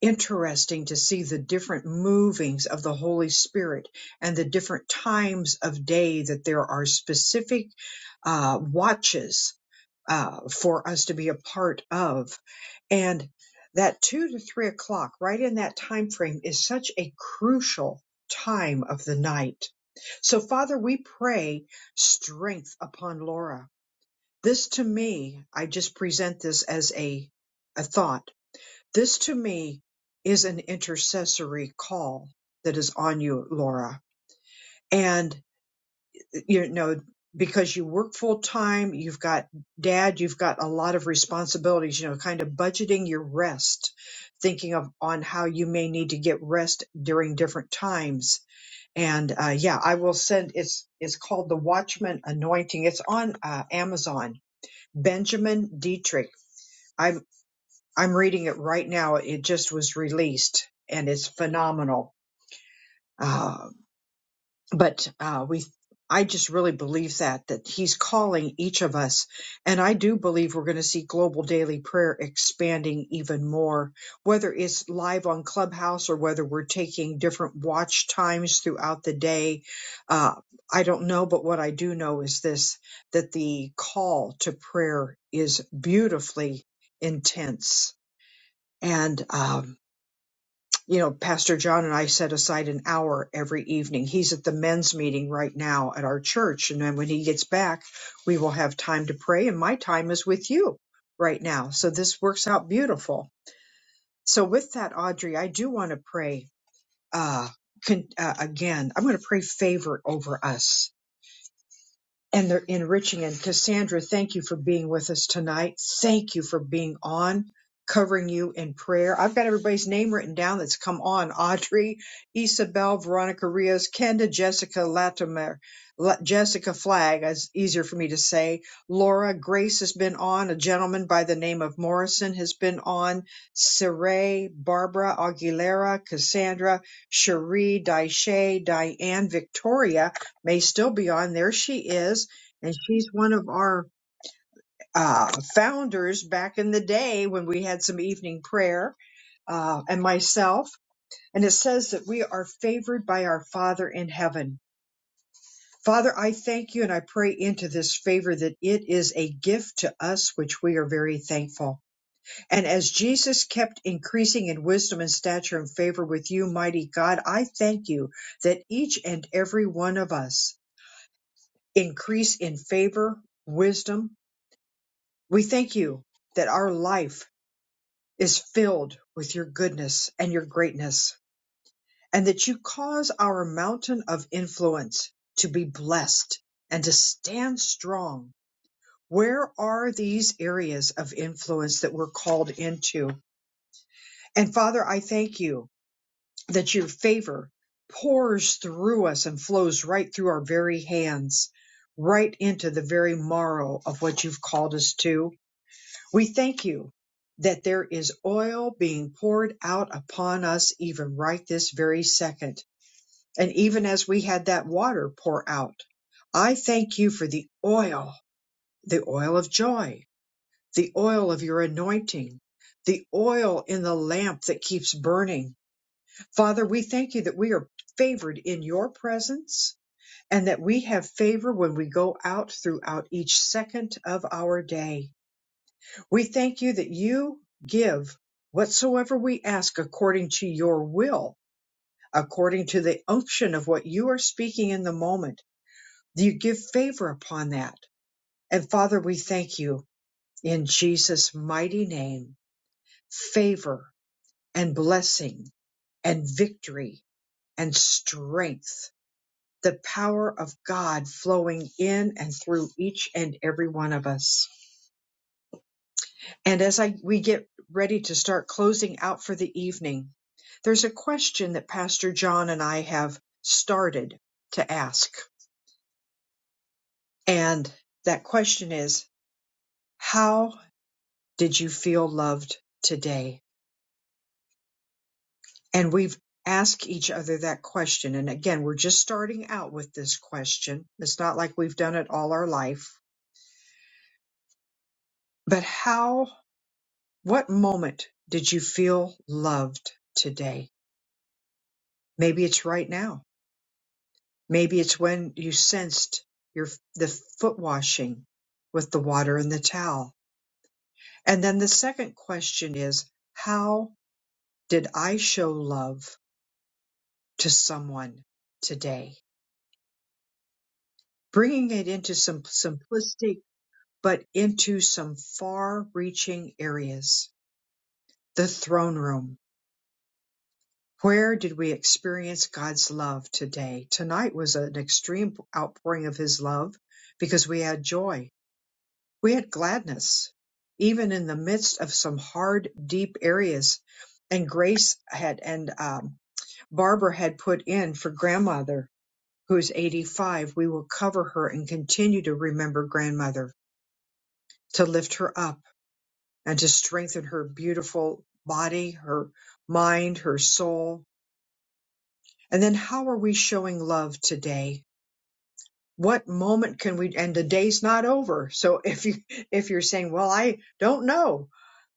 interesting to see the different movings of the Holy Spirit and the different times of day that there are specific uh, watches uh, for us to be a part of. And that two to three o'clock, right in that time frame, is such a crucial time of the night. So, Father, we pray strength upon Laura. This to me, I just present this as a, a thought this to me is an intercessory call that is on you, Laura. And you know, because you work full time, you've got dad, you've got a lot of responsibilities, you know, kind of budgeting your rest, thinking of on how you may need to get rest during different times. And uh, yeah, I will send it's it's called the Watchman Anointing. It's on uh, Amazon. Benjamin Dietrich. I'm reading it right now. It just was released and it's phenomenal. Uh, but uh, we, I just really believe that that He's calling each of us, and I do believe we're going to see global daily prayer expanding even more, whether it's live on Clubhouse or whether we're taking different watch times throughout the day. Uh, I don't know, but what I do know is this: that the call to prayer is beautifully intense and. Um, you know, Pastor John and I set aside an hour every evening. He's at the men's meeting right now at our church. And then when he gets back, we will have time to pray. And my time is with you right now. So this works out beautiful. So with that, Audrey, I do want to pray, uh, con- uh, again, I'm going to pray favor over us and they're enriching. And Cassandra, thank you for being with us tonight. Thank you for being on, covering you in prayer. I've got everybody's name written down that's come on Audrey, Isabel, Veronica Rios, Kenda, Jessica Latimer, La- Jessica Flagg, as easier for me to say. Laura Grace has been on. A gentleman by the name of Morrison has been on. Saray, Barbara Aguilera, Cassandra, Cherie, Daisha, Diane, Victoria may still be on. There she is. And she's one of our uh, founders back in the day when we had some evening prayer uh, and myself. And it says that we are favored by our Father in heaven. Father, I thank you and I pray into this favor that it is a gift to us, which we are very thankful. And as Jesus kept increasing in wisdom and stature and favor with you, mighty God, I thank you that each and every one of us increase in favor, wisdom. We thank you that our life is filled with your goodness and your greatness, and that you cause our mountain of influence to be blessed and to stand strong. Where are these areas of influence that we're called into? And Father, I thank you that your favor pours through us and flows right through our very hands, right into the very marrow of what you've called us to We thank you that there is oil being poured out upon us even right this very second. And even as we had that water pour out, I thank you for the oil, the oil of joy, the oil of your anointing, the oil in the lamp that keeps burning. Father, we thank you that we are favored in your presence and that we have favor when we go out throughout each second of our day. We thank you that you give whatsoever we ask according to your will, according to the unction of what you are speaking in the moment. You give favor upon that. And Father, we thank you in Jesus' mighty name, favor and blessing and victory and strength, the power of God flowing in and through each and every one of us. And as I we get ready to start closing out for the evening, there's a question that Pastor John and I have started to ask. And that question is, how did you feel loved today? And we've asked each other that question. And again, we're just starting out with this question. It's not like we've done it all our life, but how, what moment did you feel loved today? Maybe it's right now Maybe it's when you sensed your the foot washing with the water and the towel. And then the second question is, how did I show love to someone today? Bringing it into some simplistic, but into some far reaching areas. The throne room. Where did we experience God's love today? Tonight was an extreme outpouring of his love because we had joy We had gladness, even in the midst of some hard, deep areas. And Grace had and um, Barbara had put in for grandmother, who is 85. We will cover her and continue to remember grandmother, to lift her up and to strengthen her beautiful body, her mind, her soul. And then how are we showing love today? what moment can we and the day's not over so if you if you're saying well i don't know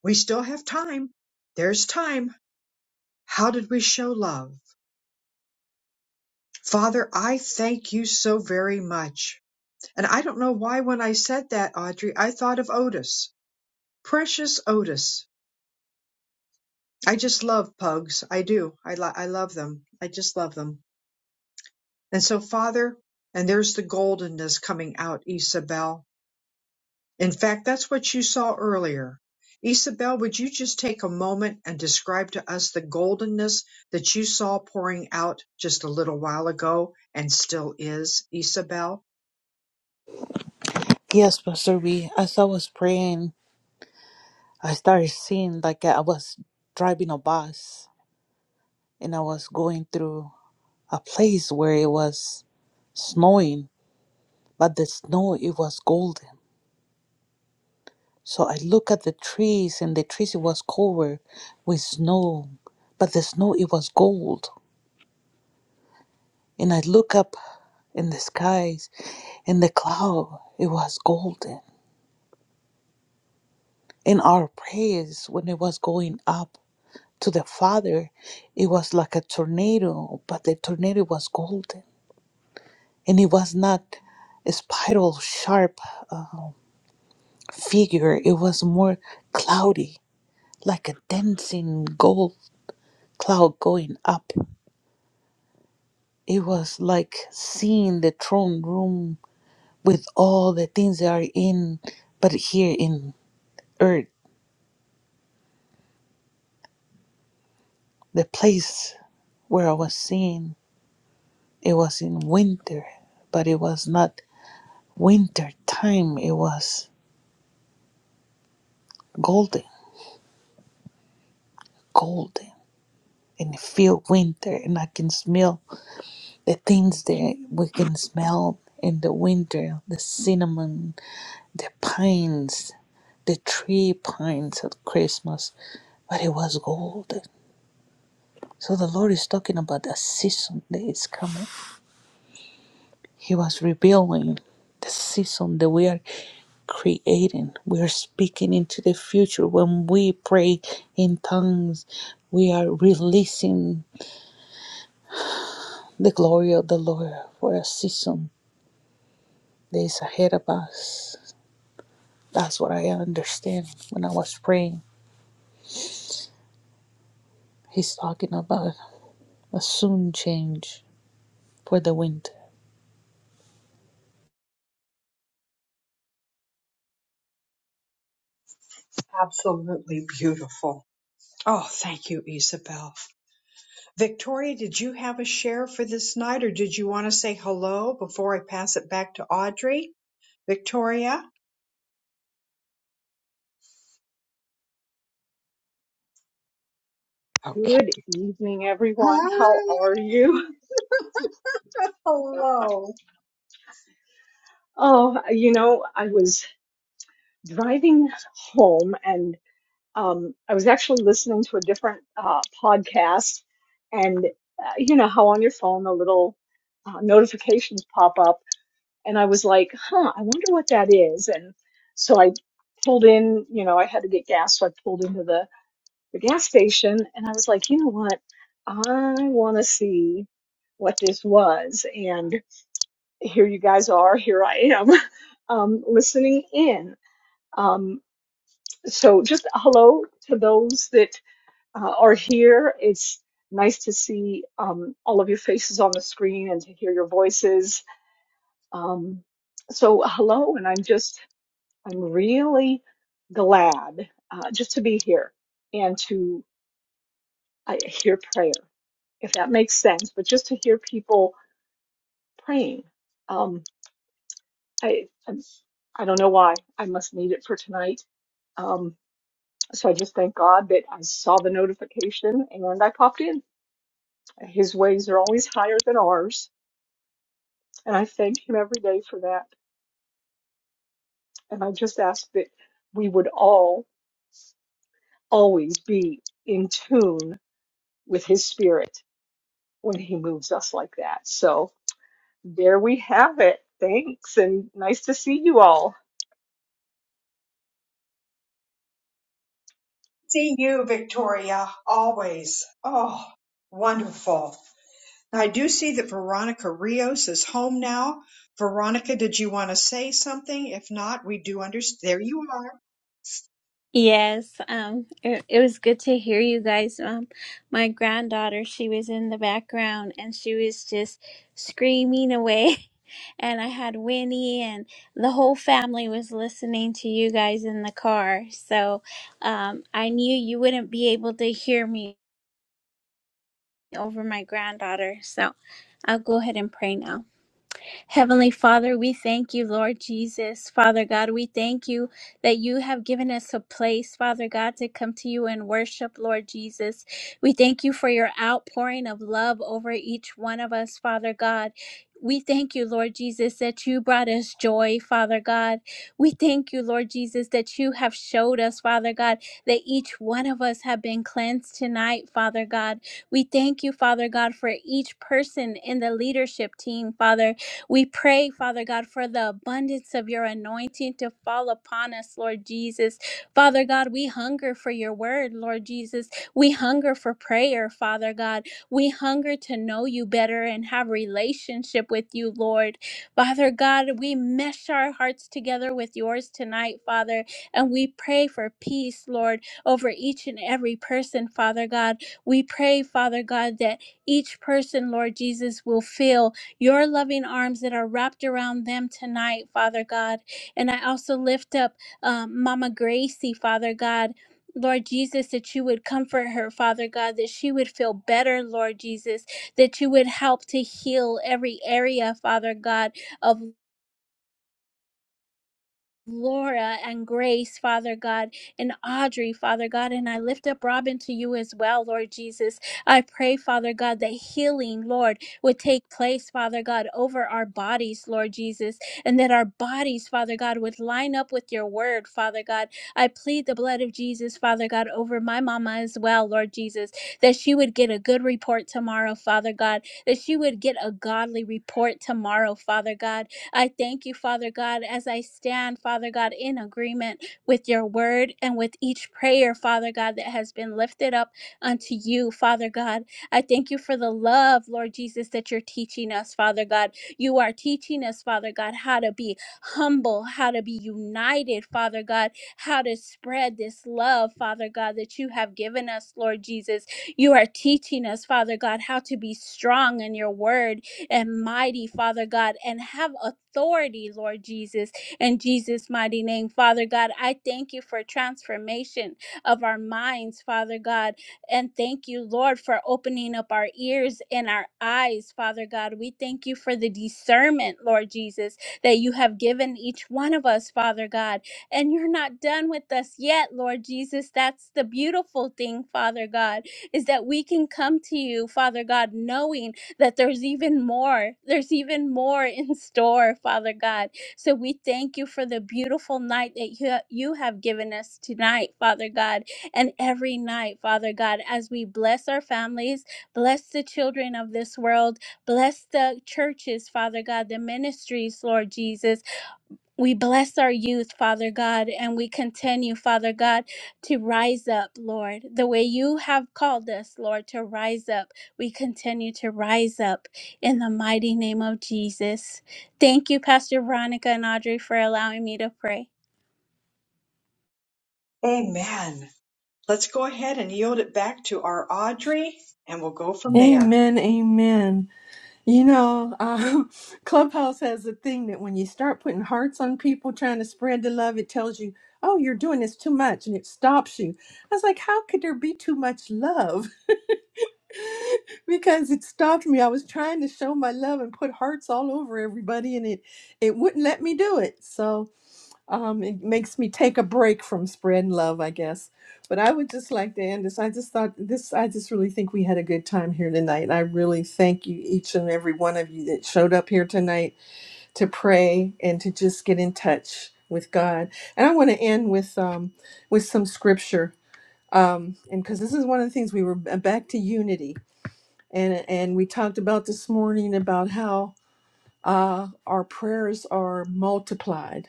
we still have time there's time how did we show love father i thank you so very much and i don't know why when i said that audrey i thought of otis precious otis i just love pugs i do i lo- i love them i just love them and so father and there's the goldenness coming out isabel In fact, that's what you saw earlier. Isabel, would you just take a moment and describe to us the goldenness that you saw pouring out just a little while ago and still is, Isabel?
Yes, Pastor B. As I was praying, I started seeing like I was driving a bus and I was going through a place where it was snowing, but the snow it was golden So I look at the trees, and the trees it was covered with snow, but the snow it was gold. And I look up in the skies, and the cloud it was golden. And our praise when it was going up to the Father, it was like a tornado, but the tornado was golden, and it was not a spiral sharp uh, figure. It was more cloudy, like a dancing gold cloud going up. It was like seeing the throne room with all the things that are in, but here in earth, the place where I was seeing, it was in winter, but it was not winter time. It was golden, golden, and it feel winter, and I can smell the things that we can smell in the winter: the cinnamon, the pines, the tree pines at Christmas. But it was golden So the Lord is talking about a season that is coming. He was revealing the season that we are creating. We are speaking into the future. When we pray in tongues, we are releasing the glory of the Lord for a season that is ahead of us. That's what I understand when I was praying. He's talking about a soon change for the winter.
Absolutely beautiful. Oh, thank you, Isabel. Victoria, did you have a share for this night or did you want to say hello before I pass it back to Audrey? Victoria? Okay.
Good evening, everyone. How are you?
Hello.
Oh, you know, I was driving home and um, I was actually listening to a different uh, podcast. And uh, you know how on your phone the little uh, notifications pop up. And I was like, huh, I wonder what that is. And so I pulled in, you know, I had to get gas. So I pulled into the the gas station and I was like, you know what? I want to see what this was. And here you guys are. Here I am um, listening in. Um, so just a hello to those that uh, are here. It's nice to see um, all of your faces on the screen and to hear your voices. Um, so hello. And I'm just, I'm really glad uh, just to be here and to I hear prayer, if that makes sense. But just to hear people praying, um, I I'm- I i do not know why I must need it for tonight. Um, so I just thank God that I saw the notification and I popped in. His ways are always higher than ours, and I thank Him every day for that. And I just ask that we would all always be in tune with His Spirit when He moves us like that. So. There we have it. Thanks, and nice to see you all.
See you, Victoria, always. Oh, wonderful. I do see that Veronica Rios is home now. Veronica, did you want to say something? If not, we do understand. There you are.
Yes, um, it, it was good to hear you guys. Um, my granddaughter, she was in the background and she was just screaming away. And I had Winnie and the whole family was listening to you guys in the car. So, um, I knew you wouldn't be able to hear me over my granddaughter. So I'll go ahead and pray now. Heavenly Father, we thank you, Lord Jesus. Father God, we thank you that you have given us a place, Father God, to come to you and worship, Lord Jesus. We thank you for your outpouring of love over each one of us, Father God. We thank you, Lord Jesus, that you brought us joy, Father God. We thank you, Lord Jesus, that you have showed us, Father God, that each one of us have been cleansed tonight, Father God. We thank you, Father God, for each person in the leadership team, Father. We pray, Father God, for the abundance of your anointing to fall upon us, Lord Jesus. Father God, we hunger for your word, Lord Jesus. We hunger for prayer, Father God. We hunger to know you better and have relationship with you, Lord. Father God, we mesh our hearts together with yours tonight, Father, and we pray for peace, Lord, over each and every person, Father God. We pray, Father God, that each person, Lord Jesus, will feel your loving arms that are wrapped around them tonight, Father God. And I also lift up um, Mama Gracie, Father God. Lord Jesus, that you would comfort her, Father God, that she would feel better, Lord Jesus, that you would help to heal every area, Father God, of Laura and Grace, Father God, and Audrey, Father God, and I lift up Robin to you as well, Lord Jesus. I pray, Father God, that healing, Lord, would take place, Father God, over our bodies, Lord Jesus, and that our bodies, Father God, would line up with your word, Father God. I plead the blood of Jesus, Father God, over my mama as well, Lord Jesus, that she would get a good report tomorrow, Father God, that she would get a godly report tomorrow, Father God I thank you, Father God, as I stand, Father God, in agreement with your word and with each prayer, Father God, that has been lifted up unto you, Father God. I thank you for the love, Lord Jesus, that you're teaching us, Father God. You are teaching us, Father God, how to be humble, how to be united, Father God, how to spread this love, Father God, that you have given us, Lord Jesus. You are teaching us, Father God, how to be strong in your word and mighty, Father God, and have authority, Lord Jesus, in Jesus' mighty name. Father God, I thank you for transformation of our minds, Father God, and thank you, Lord, for opening up our ears and our eyes, Father God. We thank you for the discernment, Lord Jesus, that you have given each one of us, Father God. And you're not done with us yet, Lord Jesus. That's the beautiful thing, Father God, is that we can come to you, Father God, knowing that there's even more. There's even more in store, Father God. So we thank you for the beautiful night that you, you have given us tonight, Father God, and every night, Father God, as we bless our families, bless the children of this world, bless the churches, Father God, the ministries, Lord Jesus. We bless our youth, Father God, and we continue, Father God, to rise up, Lord, the way you have called us, Lord, to rise up. We continue to rise up in the mighty name of Jesus. Thank you, Pastor Veronica and Audrey, for allowing me to pray.
Amen. Let's go ahead and yield it back to our Audrey, and we'll go from there.
Amen, amen. You know, um, Clubhouse has a thing that when you start putting hearts on people trying to spread the love, it tells you, oh, you're doing this too much, and it stops you. I was like, how could there be too much love? Because it stopped me. I was trying to show my love and put hearts all over everybody, and it it wouldn't let me do it. So um, it makes me take a break from spreading love, I guess. But I would just like to end this. I just thought this, I just really think we had a good time here tonight. I really thank you, each and every one of you that showed up here tonight to pray and to just get in touch with God. And I want to end with, um, with some scripture. Um, and because this is one of the things we were uh, back to unity. And, and we talked about this morning about how uh, our prayers are multiplied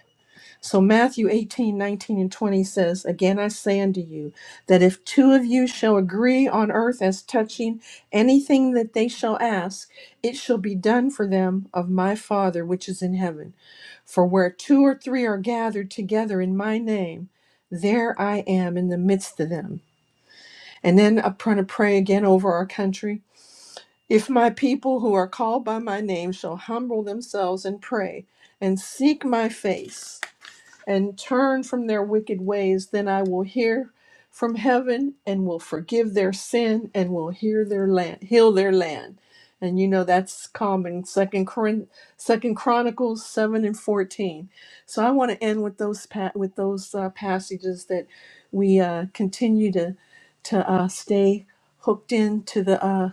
so Matthew 18 19 and 20 says, Again I say unto you, that if two of you shall agree on earth as touching anything that they shall ask, it shall be done for them of my Father which is in heaven. For where two or three are gathered together in my name, there I am in the midst of them. And then I'm going to pray again over our country. If my people who are called by my name shall humble themselves and pray and seek my face and turn from their wicked ways, then I will hear from heaven and will forgive their sin and will hear their land, heal their land. And you know that's common. Second, Corin- Second Chronicles seven and fourteen. So I want to end with those pa- with those uh, passages that we uh, continue to to uh, stay hooked into the uh,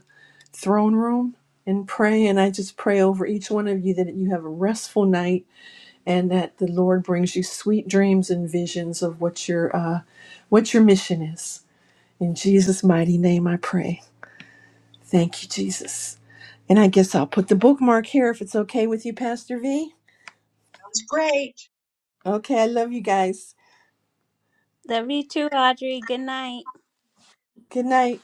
throne room and pray. And I just pray over each one of you that you have a restful night and that the Lord brings you sweet dreams and visions of what your uh, what your mission is. In Jesus' mighty name, I pray. Thank you, Jesus. And I guess I'll put the bookmark here if it's okay with you, Pastor V.
Sounds great.
Okay, I love you guys.
Love you too, Audrey. Good night.
Good night.